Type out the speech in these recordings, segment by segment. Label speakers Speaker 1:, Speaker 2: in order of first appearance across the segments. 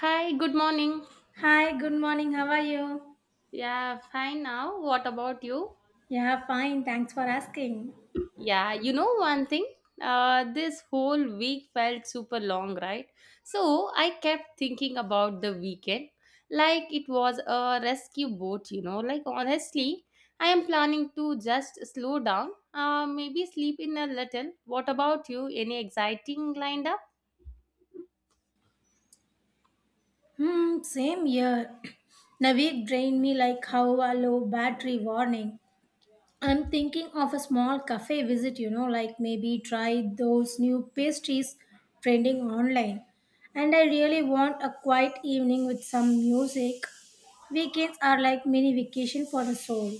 Speaker 1: Hi, good morning.
Speaker 2: Hi, good morning. How are you?
Speaker 1: Yeah, fine now. What about you?
Speaker 2: Yeah, fine. Thanks for asking.
Speaker 1: Yeah, you know one thing? This whole week felt super long, right? So I kept thinking about the weekend like it was a rescue boat. Like, honestly, I am planning to just slow down, maybe sleep in a little. What about you? Any exciting lined up?
Speaker 2: Hmm, same here. Navik drained me like how a low battery warning. I'm thinking of a small cafe visit, you know, like maybe try those new pastries trending online. And I really want a quiet evening with some music. Weekends are like mini vacation for the soul.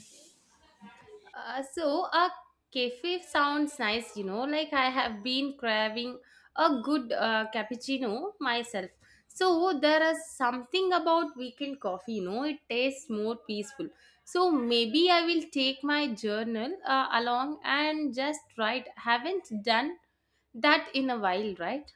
Speaker 1: So a cafe sounds nice. Like I have been craving a good cappuccino myself. So there is something about weekend coffee. It tastes more peaceful. So maybe I will take my journal along and just write. Haven't done that in a while, right?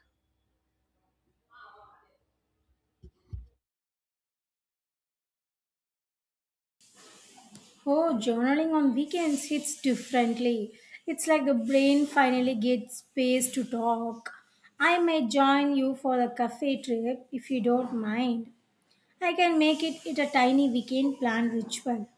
Speaker 2: Oh, journaling on weekends hits differently. It's like the brain finally gets space to talk. I may join you for the cafe trip if you don't mind. I can make it a tiny weekend plan ritual.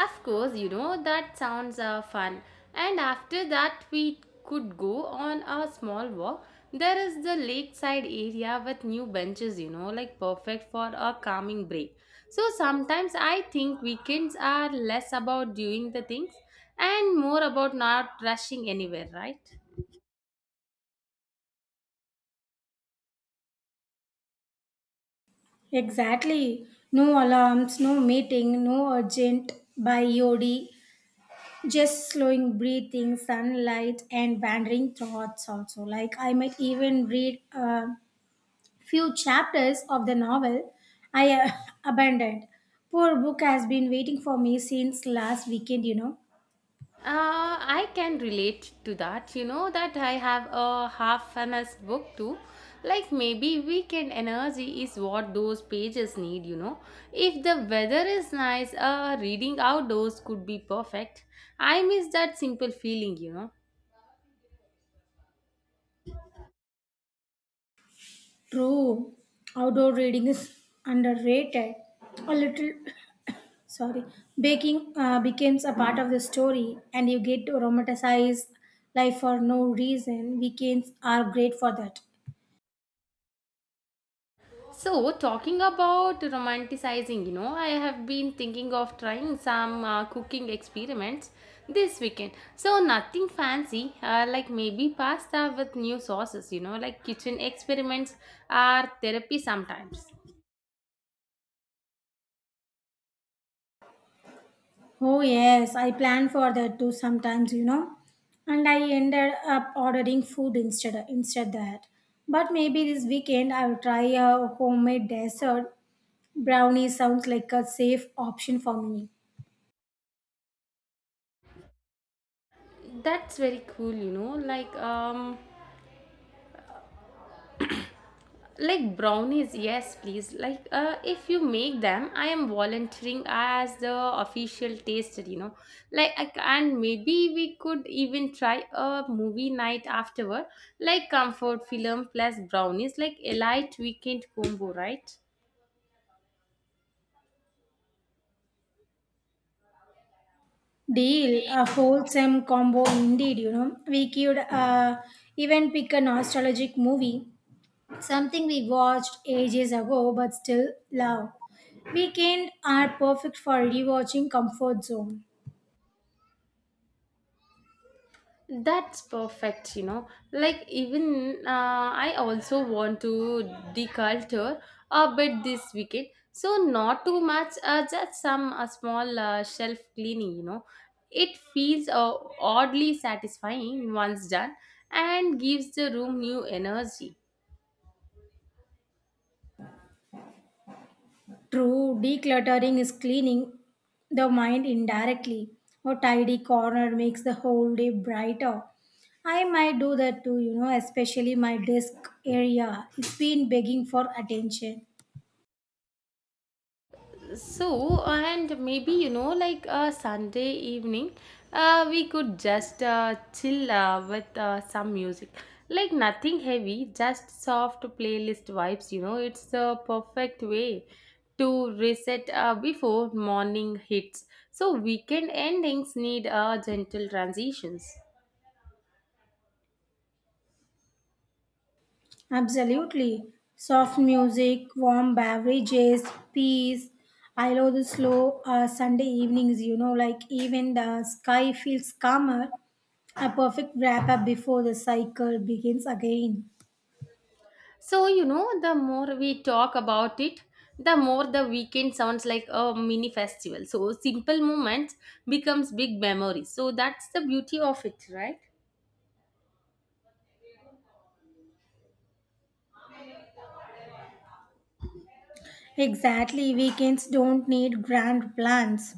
Speaker 1: Of course, that sounds fun. And after that, we could go on a small walk. There is the lakeside area with new benches, like perfect for a calming break. So sometimes I think weekends are less about doing the things and more about not rushing anywhere, right?
Speaker 2: Exactly. No alarms, no meeting, no urgent by Yodi. Just slowing breathing, sunlight, and wandering thoughts also. Like I might even read a. Few chapters of the novel I abandoned. Poor book has been waiting for me since last weekend, you know.
Speaker 1: I can relate to that. You know that I have a half finished book too. Like maybe weekend energy is what those pages need. If the weather is nice, reading outdoors could be perfect. I miss that simple feeling.
Speaker 2: True, outdoor reading is underrated. A little, sorry, baking becomes a part of the story, and you get to romanticize life for no reason. Weekends are great for that.
Speaker 1: So, talking about romanticizing, I have been thinking of trying some cooking experiments this weekend. So, nothing fancy, like maybe pasta with new sauces, like kitchen experiments are therapy sometimes.
Speaker 2: Oh, yes, I plan for that too sometimes, you know. And I ended up ordering food instead that. But maybe this weekend I'll try a homemade dessert. Brownie sounds like a safe option for me.
Speaker 1: That's very cool, like brownies, yes, please, like if you make them, I am volunteering as the official taster. Like and maybe we could even try a movie night afterward, like comfort film plus brownies, like a light weekend combo, right?
Speaker 2: Deal, a wholesome combo indeed, you know. We could even pick a nostalgic movie, something we watched ages ago but still love. Weekend are perfect for rewatching comfort zone.
Speaker 1: That's perfect. Like, even I also want to deculture a bit this weekend. So, not too much, just some small shelf cleaning. It feels oddly satisfying once done and gives the room new energy.
Speaker 2: True, decluttering is cleaning the mind indirectly. A tidy corner makes the whole day brighter. I might do that too, you know, especially my desk area. It's been begging for attention.
Speaker 1: So and maybe, like a Sunday evening, we could just chill with some music, like nothing heavy, just soft playlist vibes, it's the perfect way to reset before morning hits. So weekend endings need gentle transitions.
Speaker 2: Absolutely. Soft music, warm beverages, peace. I love the slow Sunday evenings, you know, like even the sky feels calmer. A perfect wrap up before the cycle begins again.
Speaker 1: So, the more we talk about it, the more the weekend sounds like a mini festival. So, simple moments becomes big memories. So, that's the beauty of it, right?
Speaker 2: Exactly, weekends don't need grand plans.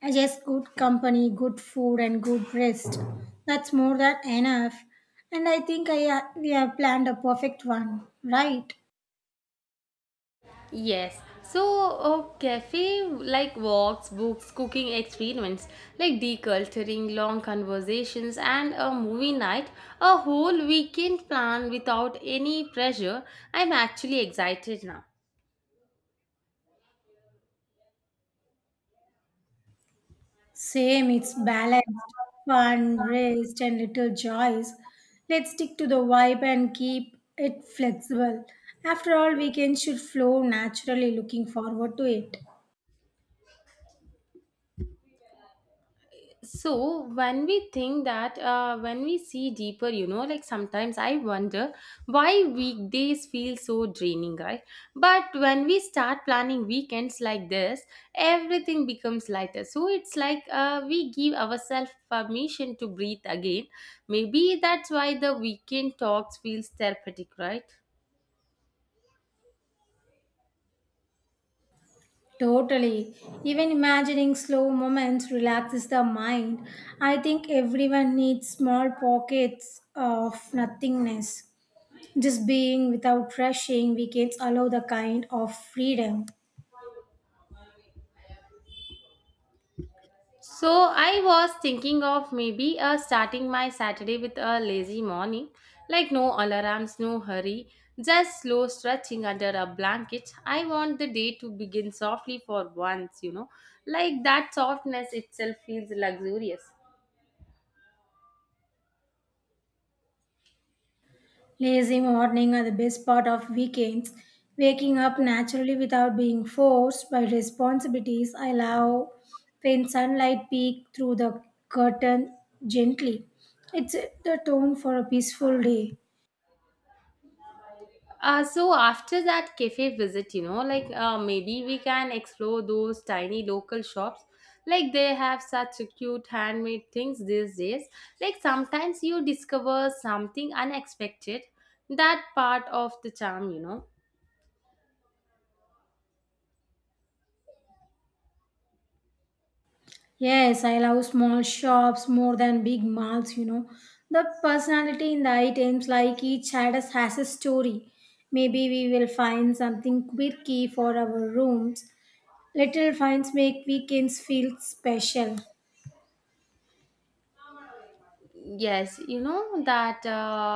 Speaker 2: I just good company, good food, and good rest. That's more than enough. And I think we have planned a perfect one, right?
Speaker 1: Yes. So, cafe like walks, books, cooking experiments, like deculturing, long conversations, and a movie night, a whole weekend plan without any pressure. I'm actually excited now.
Speaker 2: Same, it's balanced, fun, rest, and little joys. Let's stick to the vibe and keep it flexible. After all, weekends should flow naturally. Looking forward to it.
Speaker 1: So when we think that, when we see deeper, like sometimes I wonder why weekdays feel so draining, right? But when we start planning weekends like this, everything becomes lighter. So it's like we give ourselves permission to breathe again. Maybe that's why the weekend talks feels therapeutic, right?
Speaker 2: Totally. Even imagining slow moments relaxes the mind. I think everyone needs small pockets of nothingness. Just being without rushing, weekends allow the kind of freedom.
Speaker 1: So I was thinking of maybe starting my Saturday with a lazy morning, like no alarms, no hurry, just slow stretching under a blanket. I want the day to begin softly for once, like that softness itself feels luxurious.
Speaker 2: Lazy morning are the best part of weekends. Waking up naturally without being forced by responsibilities. I love when sunlight peeks through the curtain gently. It's the tone for a peaceful day.
Speaker 1: So after that cafe visit, like maybe we can explore those tiny local shops. Like they have such cute handmade things these days. Like sometimes you discover something unexpected. That part of the charm.
Speaker 2: Yes, I love small shops more than big malls, you know. The personality in the items, like each status has a story. Maybe we will find something quirky for our rooms. Little finds make weekends feel special.
Speaker 1: Yes, you know that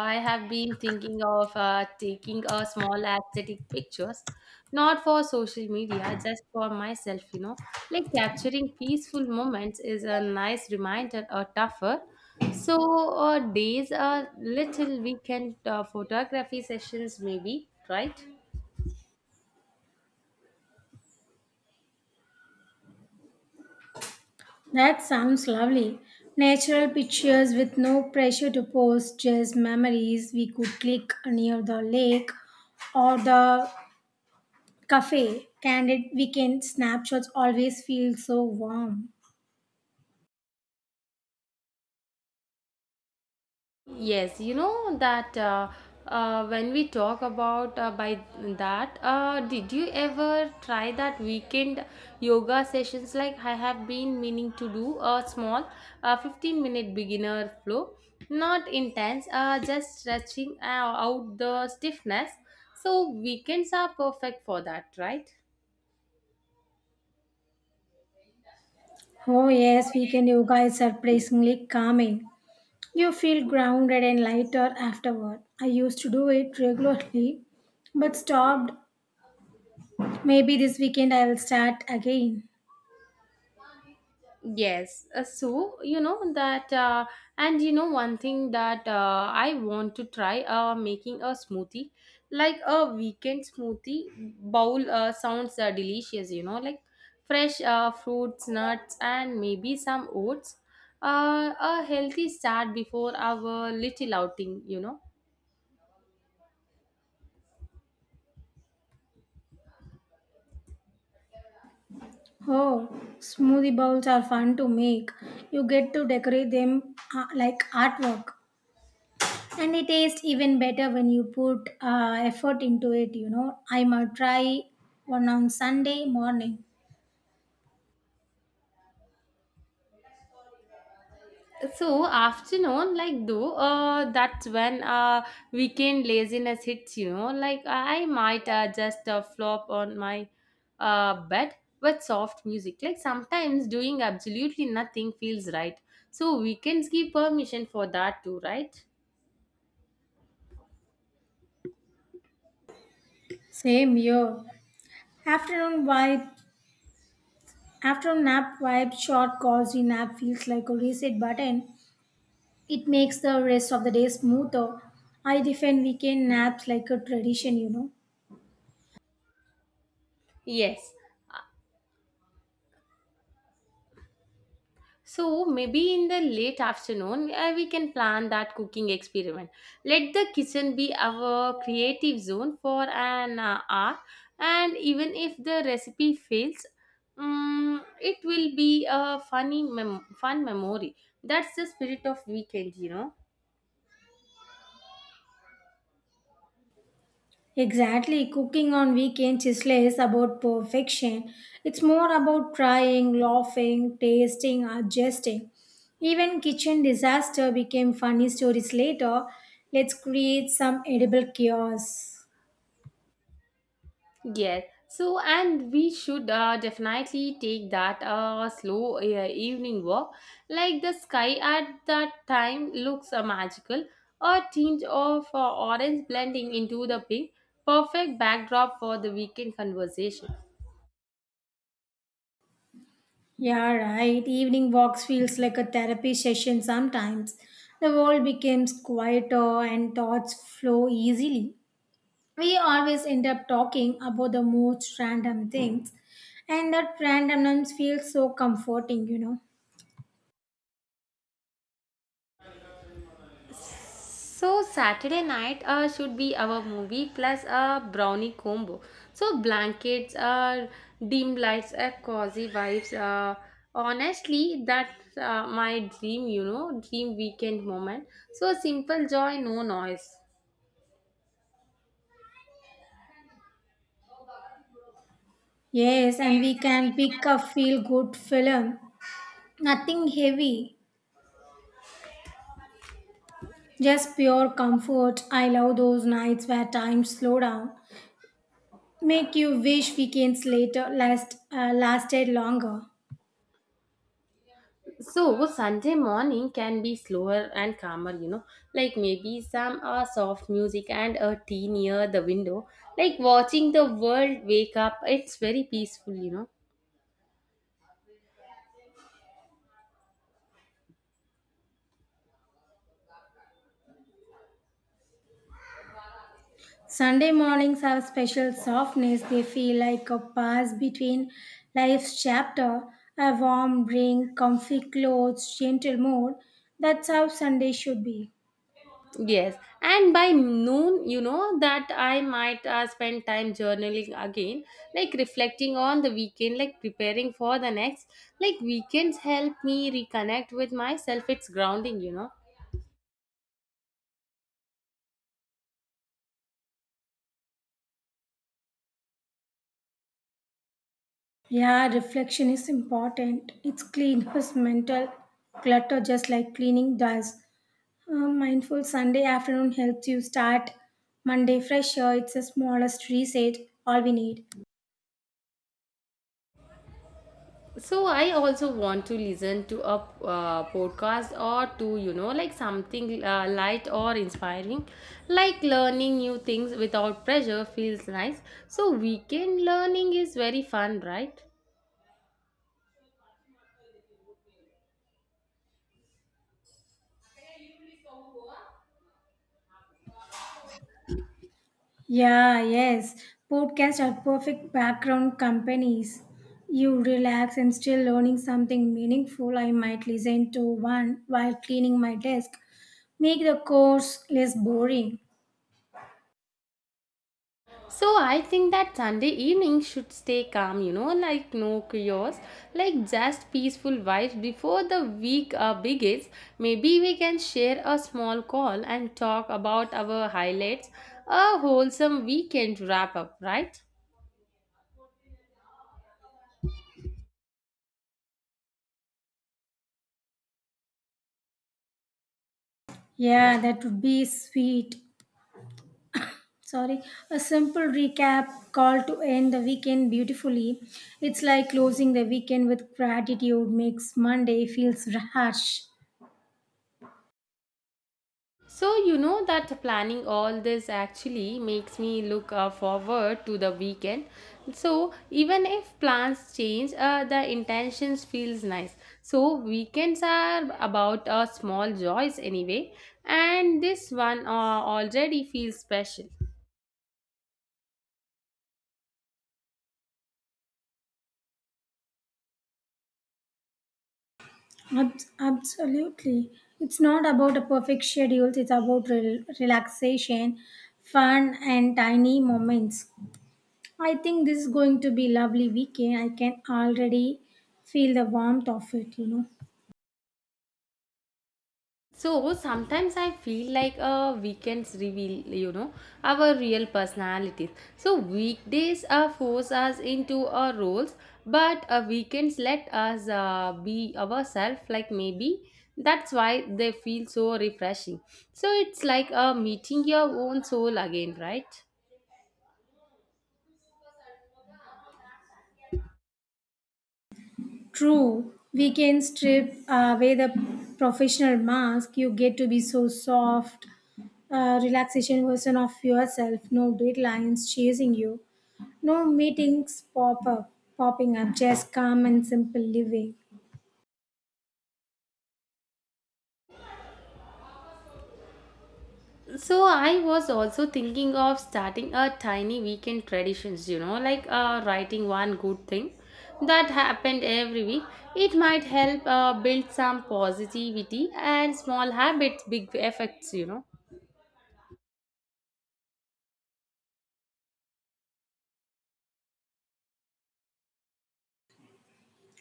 Speaker 1: I have been thinking of taking a small aesthetic pictures, not for social media, just for myself. Like capturing peaceful moments is a nice reminder or tougher. So days a little weekend photography sessions maybe, right?
Speaker 2: That sounds lovely. Natural pictures with no pressure to post, just memories we could click near the lake or the cafe. Candid weekend snapshots always feel so warm.
Speaker 1: Yes, you know that when we talk about by that, did you ever try that weekend yoga sessions? Like I have been meaning to do a small, 15-minute beginner flow, not intense, just stretching out the stiffness. So weekends are perfect for that, right?
Speaker 2: Oh, yes, weekend yoga is surprisingly calming. You feel grounded and lighter afterward. I used to do it regularly but stopped. Maybe this weekend I will start again.
Speaker 1: Yes, so you know that, and you know one thing that I want to try making a smoothie, like a weekend smoothie bowl sounds delicious. Like fresh fruits, nuts, and maybe some oats. A healthy start before our little outing.
Speaker 2: Oh, smoothie bowls are fun to make. You get to decorate them like artwork. And they taste even better when you put effort into it, you know. I might try one on Sunday morning.
Speaker 1: So afternoon, like though, that's when weekend laziness hits. Like I might just flop on my bed with soft music. Like sometimes doing absolutely nothing feels right. So weekends give permission for that too, right?
Speaker 2: Same here. Afternoon vibe after a nap, vibe short cozy nap feels like a reset button. It makes the rest of the day smoother. I defend weekend naps like a tradition, you know.
Speaker 1: Yes. So maybe in the late afternoon, we can plan that cooking experiment. Let the kitchen be our creative zone for an hour, and even if the recipe fails, it will be a funny fun memory. That's the spirit of weekend.
Speaker 2: Exactly, cooking on weekends is less about perfection. It's more about trying, laughing, tasting, adjusting. Even kitchen disaster became funny stories later. Let's create some edible chaos.
Speaker 1: Yes. So, and we should definitely take that slow evening walk. Like the sky at that time looks magical, a tinge of orange blending into the pink, perfect backdrop for the weekend conversation.
Speaker 2: Yeah, right. Evening walks feels like a therapy session sometimes. The world becomes quieter and thoughts flow easily. We always end up talking about the most random things, and that randomness feels so comforting, you know.
Speaker 1: So Saturday night should be our movie plus a brownie combo. So blankets, dim lights, cozy vibes. Honestly, that's my dream, dream weekend moment. So simple joy, no noise.
Speaker 2: Yes, and we can pick a feel good film. Nothing heavy, just pure comfort. I love those nights where time slow down, make you wish weekends later last lasted longer.
Speaker 1: So Sunday morning can be slower and calmer, like maybe some soft music and a tea near the window, like watching the world wake up. It's very peaceful.
Speaker 2: Sunday mornings have a special softness. They feel like a pause between life's chapter, a warm drink, comfy clothes, gentle mood. That's how Sunday should be.
Speaker 1: Yes, and by noon, you know that I might spend time journaling again, like reflecting on the weekend, like preparing for the next. Like weekends help me reconnect with myself. It's grounding.
Speaker 2: Yeah, reflection is important. It's clean us mental clutter just like cleaning does. A mindful Sunday afternoon helps you start Monday fresher. It's the smallest reset, all we need.
Speaker 1: So I also want to listen to a podcast or to like something light or inspiring, like learning new things without pressure feels nice. So weekend learning is very fun, right?
Speaker 2: Yeah, yes. Podcasts are perfect background companies. You relax and still learning something meaningful. I might listen to one while cleaning my desk. Make the course less boring.
Speaker 1: So I think that Sunday evening should stay calm, like no chaos, like just peaceful vibes before the week begins. Maybe we can share a small call and talk about our highlights, a wholesome weekend wrap up, right?
Speaker 2: Yeah, that would be sweet. Sorry, a simple recap call to end the weekend beautifully. It's like closing the weekend with gratitude makes Monday feels harsh.
Speaker 1: So, you know that planning all this actually makes me look forward to the weekend. So, even if plans change, the intentions feels nice. So, weekends are about small joys anyway, and this one already feels special.
Speaker 2: Absolutely. It's not about a perfect schedule, it's about relaxation, fun, and tiny moments. I think this is going to be lovely weekend. I can already feel the warmth of it, you know.
Speaker 1: So sometimes I feel like a weekends reveal, our real personalities. So weekdays force us into our roles, but weekends let us be ourselves. Like maybe that's why they feel so refreshing. So it's like meeting your own soul again, right?
Speaker 2: True, we can strip away the professional mask. You get to be so soft, relaxation version of yourself. No deadlines chasing you. No meetings popping up. Just calm and simple living.
Speaker 1: So I was also thinking of starting a tiny weekend traditions, like writing one good thing that happened every week. It might help build some positivity and small habits, big effects.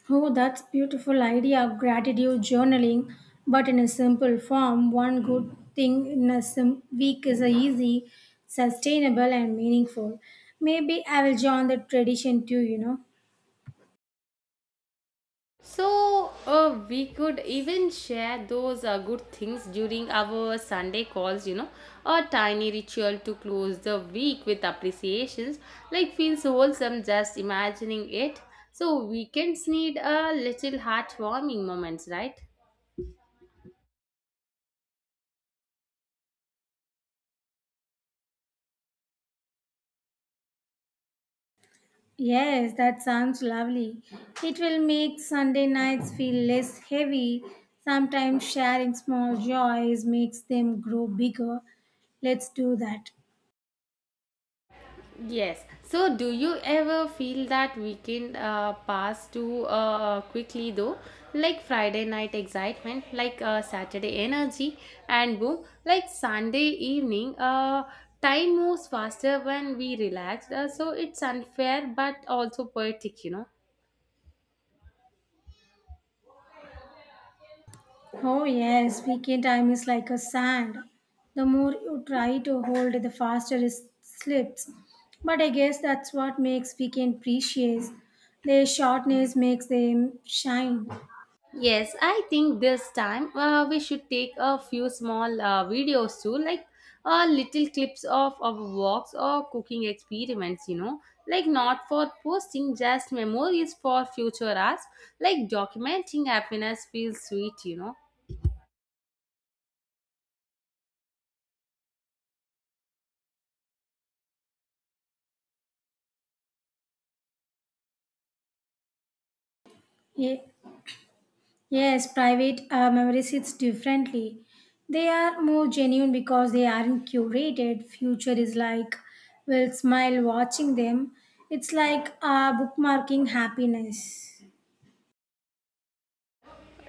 Speaker 2: Oh, that's beautiful idea of gratitude journaling, but in a simple form. One good thing in a week is a easy, sustainable, and meaningful. Maybe I will join the tradition too, you know.
Speaker 1: So, we could even share those good things during our Sunday calls, a tiny ritual to close the week with appreciations, like feels wholesome just imagining it. So, weekends need a little heartwarming moments, right?
Speaker 2: Yes, that sounds lovely. It will make Sunday nights feel less heavy. Sometimes sharing small joys makes them grow bigger. Let's do that.
Speaker 1: Yes. So, do you ever feel that weekend pass too quickly though? Like Friday night excitement, like Saturday energy, and boom, like Sunday evening, time moves faster when we relax. So, it's unfair but also poetic.
Speaker 2: Oh, yes, weekend time is like a sand. The more you try to hold it, the faster it slips. But I guess that's what makes weekend precious. Their shortness makes them shine.
Speaker 1: Yes, I think this time we should take a few small videos too, like little clips of our walks or cooking experiments, like not for posting, just memories for future us. Like documenting happiness feels sweet.
Speaker 2: Ye- Yes, private memories hits differently. They are more genuine because they aren't curated. Future is like, will smile watching them. It's like bookmarking happiness.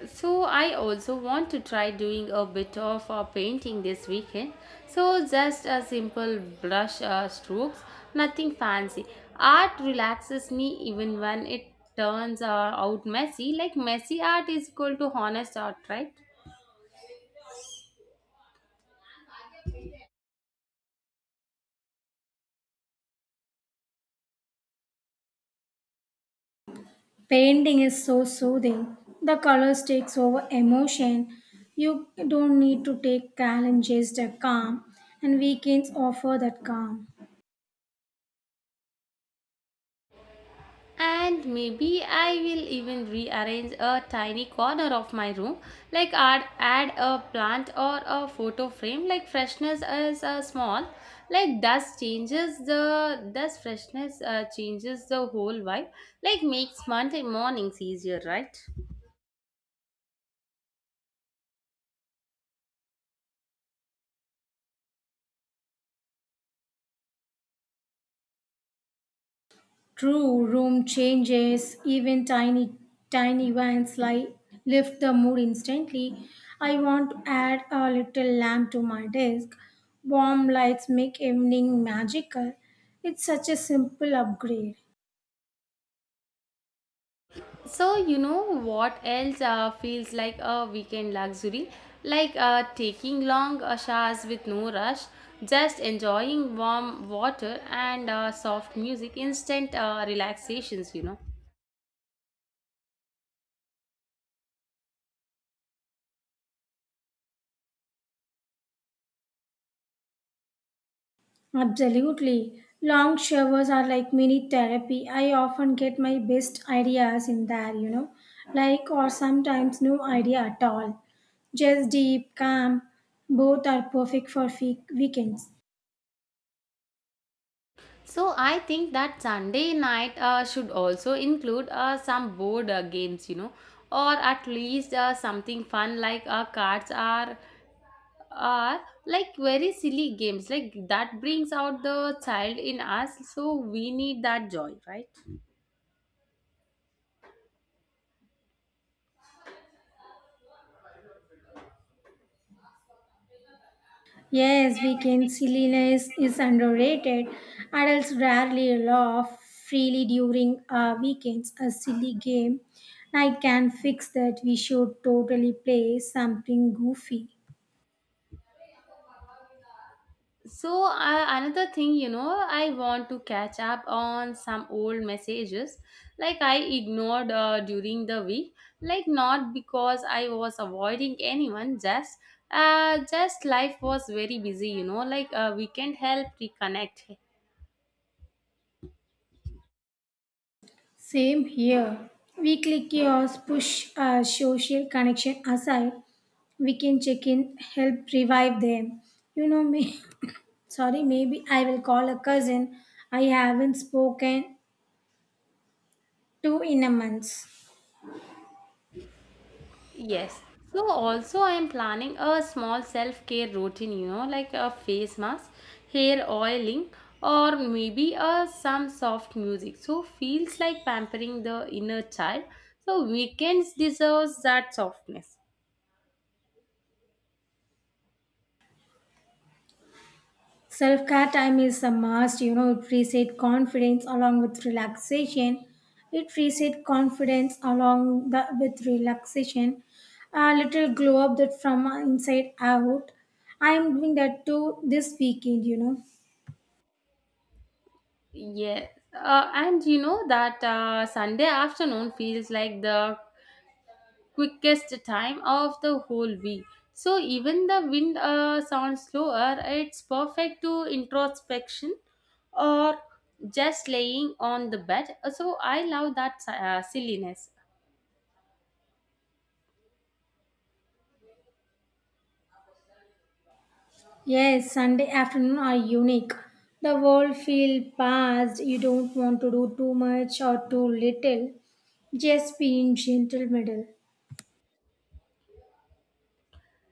Speaker 1: So I also want to try doing a bit of painting this weekend. So just a simple brush strokes, nothing fancy. Art relaxes me even when it turns out messy. Like messy art is equal to honest art, right?
Speaker 2: Painting is so soothing. The colors takes over emotion. You don't need to take challenges the calm, and weekends offer that calm.
Speaker 1: And maybe I will even rearrange a tiny corner of my room, like add a plant or a photo frame. Like freshness is small, like dust changes the dust freshness changes the whole vibe. Like makes Monday mornings easier, right?
Speaker 2: True room changes, even tiny events like lift the mood instantly. I want to add a little lamp to my desk. Warm lights make evening magical. It's such a simple upgrade.
Speaker 1: So, you know what else feels like a weekend luxury? Like taking long showers with no rush, just enjoying warm water and soft music, instant relaxations.
Speaker 2: Absolutely. Long showers are like mini therapy. I often get my best ideas in there, you know, like or sometimes no idea at all. Just deep, calm. Both are perfect for weekends.
Speaker 1: So, I think that Sunday night should also include some board games, or at least something fun like cards are like very silly games, like that brings out the child in us, so we need that joy, right?
Speaker 2: Yes,
Speaker 1: Yes,
Speaker 2: weekend silliness is underrated. Adults rarely laugh freely during weekends. A silly game night can fix that. We should totally play something goofy.
Speaker 1: so another thing, I want to catch up on some old messages, like I ignored during the week, like not because I was avoiding anyone, just life was very busy, like a weekend help reconnect.
Speaker 2: Same here. Weekly chaos push our social connection aside. We can check in, help revive them. You know me. Sorry, maybe I will call a cousin I haven't spoken to in a month.
Speaker 1: Yes. So also I am planning a small self-care routine, like a face mask, hair oiling, or maybe a some soft music. So feels like pampering the inner child. So weekends deserves that softness.
Speaker 2: Self care time is a must, you know, it reset confidence along with relaxation. It reset confidence along the, with relaxation. A little glow up that from inside out. I am doing that too this weekend, you know.
Speaker 1: Yeah. And you know that Sunday afternoon feels like the quickest time of the whole week. So even the wind sounds slower, it's perfect to introspection or just laying on the bed. So I love that silliness.
Speaker 2: Yes, Sunday afternoon are unique. The world feel past. You don't want to do too much or too little. Just be in gentle middle.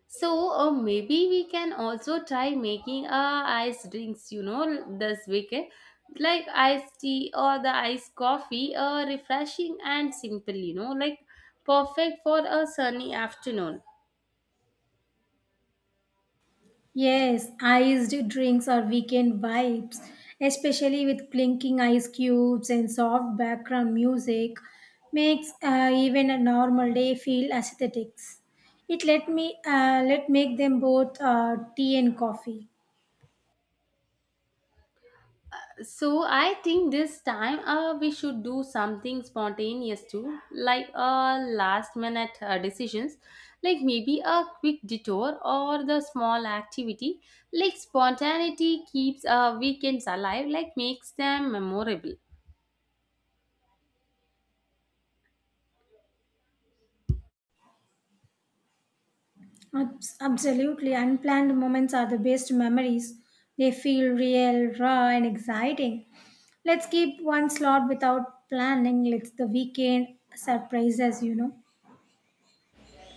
Speaker 1: So maybe we can also try making ice drinks, this weekend, like iced tea or the iced coffee, refreshing and simple, like perfect for a sunny afternoon.
Speaker 2: Yes, iced drinks or weekend vibes, especially with clinking ice cubes and soft background music, makes even a normal day feel aesthetic. It let me let make them both tea and coffee.
Speaker 1: So I think this time we should do something spontaneous too, like last minute decisions, like maybe a quick detour or the small activity. Like spontaneity keeps weekends alive, like makes them memorable.
Speaker 2: Absolutely, unplanned moments are the best memories. They feel real, raw, and exciting. Let's keep one slot without planning. Let's the weekend surprises, you know.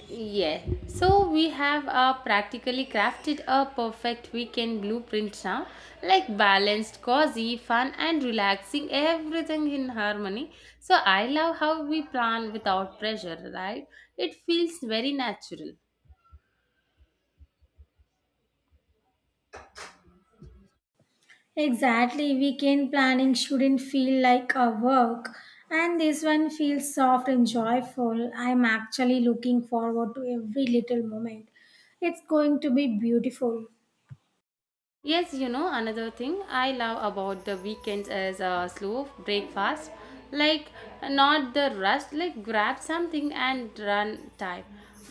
Speaker 1: Yes. So we have practically crafted a perfect weekend blueprint now, like balanced, cozy, fun, and relaxing, everything in harmony. So I love how we plan without pressure, right? It feels very natural.
Speaker 2: Exactly, weekend planning shouldn't feel like a work, and this one feels soft and joyful. I'm actually looking forward to every little moment. It's going to be beautiful.
Speaker 1: Yes, another thing I love about the weekends is a slow breakfast. Like, not the rush, like, grab something and run time.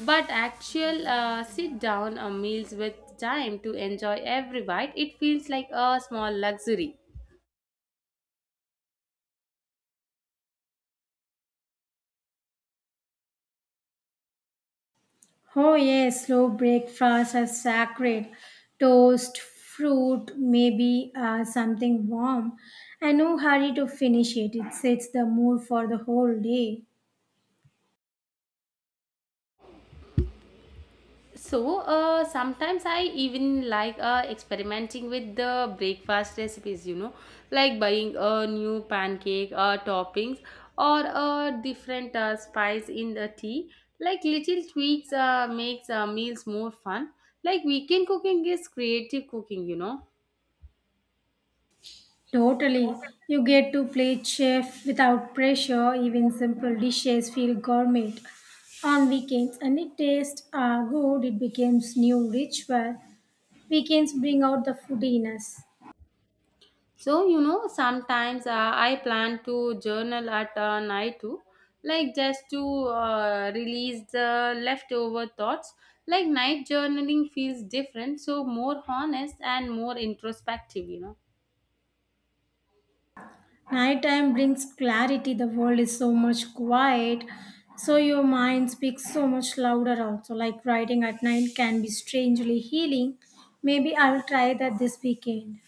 Speaker 1: But actual sit down meals with time to enjoy every bite, it feels like a small luxury.
Speaker 2: Oh, yes, slow breakfast is sacred. Toast, fruit, maybe something warm. And no hurry to finish it, it sets the mood for the whole day.
Speaker 1: So sometimes I even like experimenting with the breakfast recipes, like buying a new pancake toppings or a different spice in the tea. Like little tweaks makes meals more fun. Like weekend cooking is creative cooking.
Speaker 2: Totally. You get to play chef without pressure, even simple dishes feel gourmet. On weekends, and it tastes are good, it becomes new ritual. Weekends bring out the foodiness.
Speaker 1: So, sometimes I plan to journal at night too, like just to release the leftover thoughts. Like night journaling feels different, so more honest and more introspective.
Speaker 2: Nighttime brings clarity, the world is so much quiet, so your mind speaks so much louder also. Like writing at night can be strangely healing. Maybe I'll try that this weekend.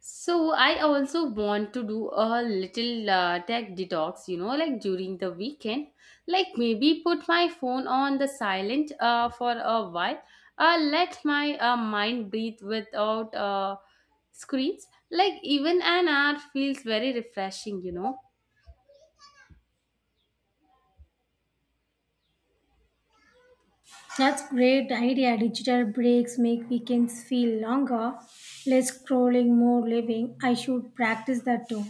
Speaker 1: So I also want to do a little tech detox, like during the weekend. Like maybe put my phone on the silent for a while. Let my mind breathe without screens. Like even an hour feels very refreshing.
Speaker 2: That's great idea. Digital breaks make weekends feel longer, less scrolling, more living. I should practice that too.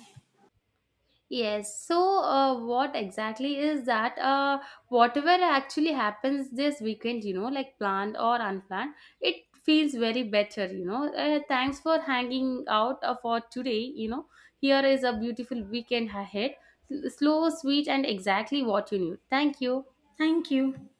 Speaker 1: Yes. So, what exactly is that? Whatever actually happens this weekend, like planned or unplanned, it feels very better. Thanks for hanging out for today. Here is a beautiful weekend ahead. Slow, sweet, and exactly what you need. Thank you.
Speaker 2: Thank you.